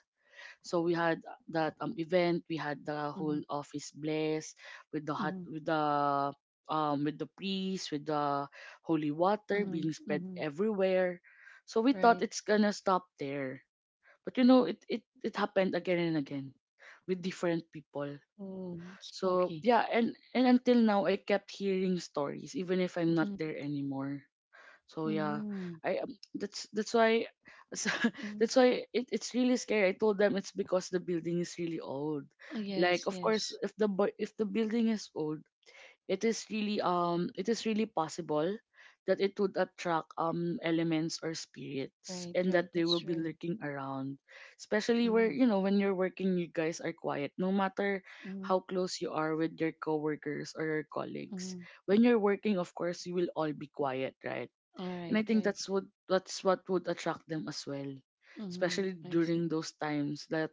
So we had that um event. We had the whole Mhm. office blessed with the hot Mhm, with the um with the priest, with the holy water mhm, being spread mhm, everywhere. So we thought right. it's gonna stop there, but you know, it it it happened again and again with different people. Oh, So spooky. yeah, and and until now, I kept hearing stories, even if I'm not Mm, there anymore. So yeah, mm, I um, that's that's why so, mm. that's why it, it's really scary. I told them it's because the building is really old. Oh, yes, Like of course, yes. if the bu- if the building is old, it is really um it is really possible that it would attract um elements or spirits, Right, and right. that they That's will be true. lurking around, especially where, Mm, you know, when you're working, you guys are quiet, no matter mm, how close you are with your coworkers or your colleagues. mm. When you're working, of course, you will all be quiet, right? All right, And I think right. that's what, that's what would attract them as well, Mm, especially I during see. those times that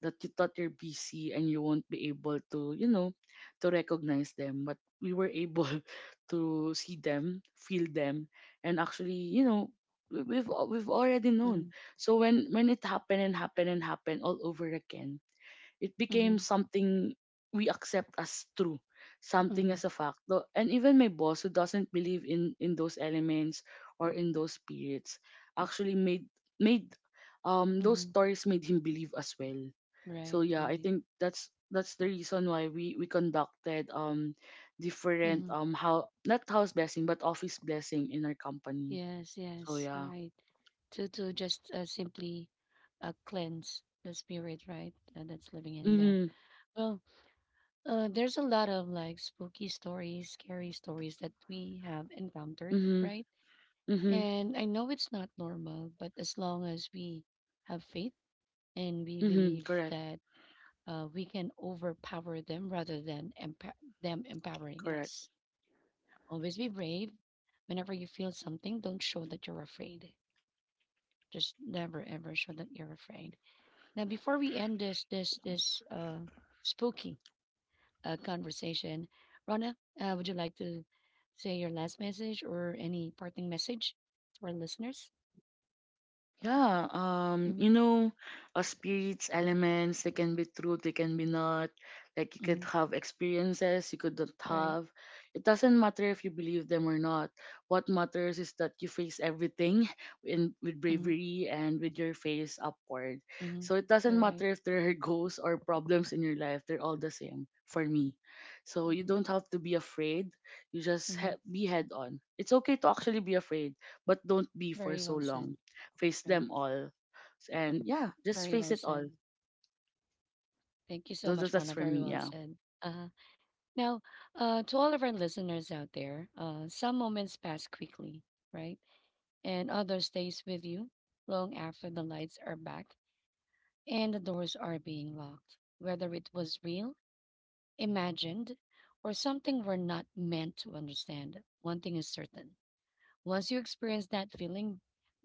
that you thought you're busy and you won't be able to, you know, to recognize them. But we were able to see them, feel them, and actually, you know, we- we've al- we've already known. Mm, So when when it happened and happened and happened all over again, it became mm, something we accept as true, something mm, as a fact. Though- And even my boss, who doesn't believe in, in those elements or in those spirits, actually made made um those mm. stories made him believe as well. Right, So yeah, I right. think that's that's the reason why we we conducted um different, Mm, um how, not house blessing but office blessing in our company. yes, So yes. yeah. Right. To to just uh, simply uh, cleanse the spirit, right? Uh, that's living in there. Mhm. Well, Uh, there's a lot of like spooky stories, scary stories that we have encountered, Mhm. right? Mhm. And I know it's not normal, but as long as we have faith and we Mhm. believe Correct. that uh, we can overpower them rather than empa- them empowering Correct. us. Always be brave. Whenever you feel something, don't show that you're afraid. Just never ever show that you're afraid. Now, before we end this this this uh, spooky uh, conversation. Rana, uh, would you like to say your last message or any parting message to our listeners? Yeah, um, Mm-hmm. you know, uh, spirits, elements, they can be true, they can be not. Like you could Mm-hmm. have experiences, you could not Right. have. It doesn't matter if you believe them or not. What matters is that you face everything in, with Mm-hmm. bravery and with your face upward. Mm-hmm. So it doesn't Right. matter if there are ghosts or problems in your life, they're all the same for me. So you Mm-hmm. don't have to be afraid. You just Mm-hmm. ha- be head on. It's okay to actually be afraid, but don't be for Very so well said. long. Face Right. them all. And yeah, just Very face well it said. all. Thank you so Those, much, that's Rana. for Very me, well yeah. said. Uh, Now, uh, to all of our listeners out there, uh, some moments pass quickly, right? And others stays with you long after the lights are back and the doors are being locked. Whether it was real, imagined, or something we're not meant to understand. One thing is certain. Once you experience that feeling,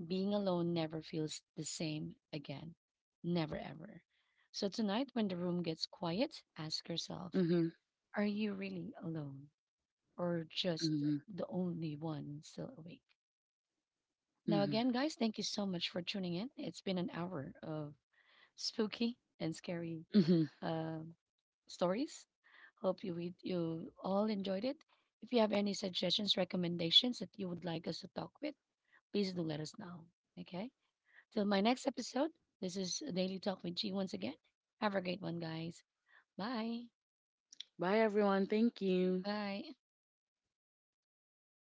being alone never feels the same again. Never ever. So tonight, when the room gets quiet, ask yourself, Mhm. are you really alone? Or just Mhm. the only one still awake? Now, Mhm. again, guys, thank you so much for tuning in. It's been an hour of spooky and scary Mhm. uh, stories. Hope you read, you all enjoyed it. If you have any suggestions, recommendations that you would like us to talk with, please do let us know. Okay. Till my next episode, this is Daily Talk with G once again. Have a great one, guys. Bye. Bye everyone. Thank you. Bye.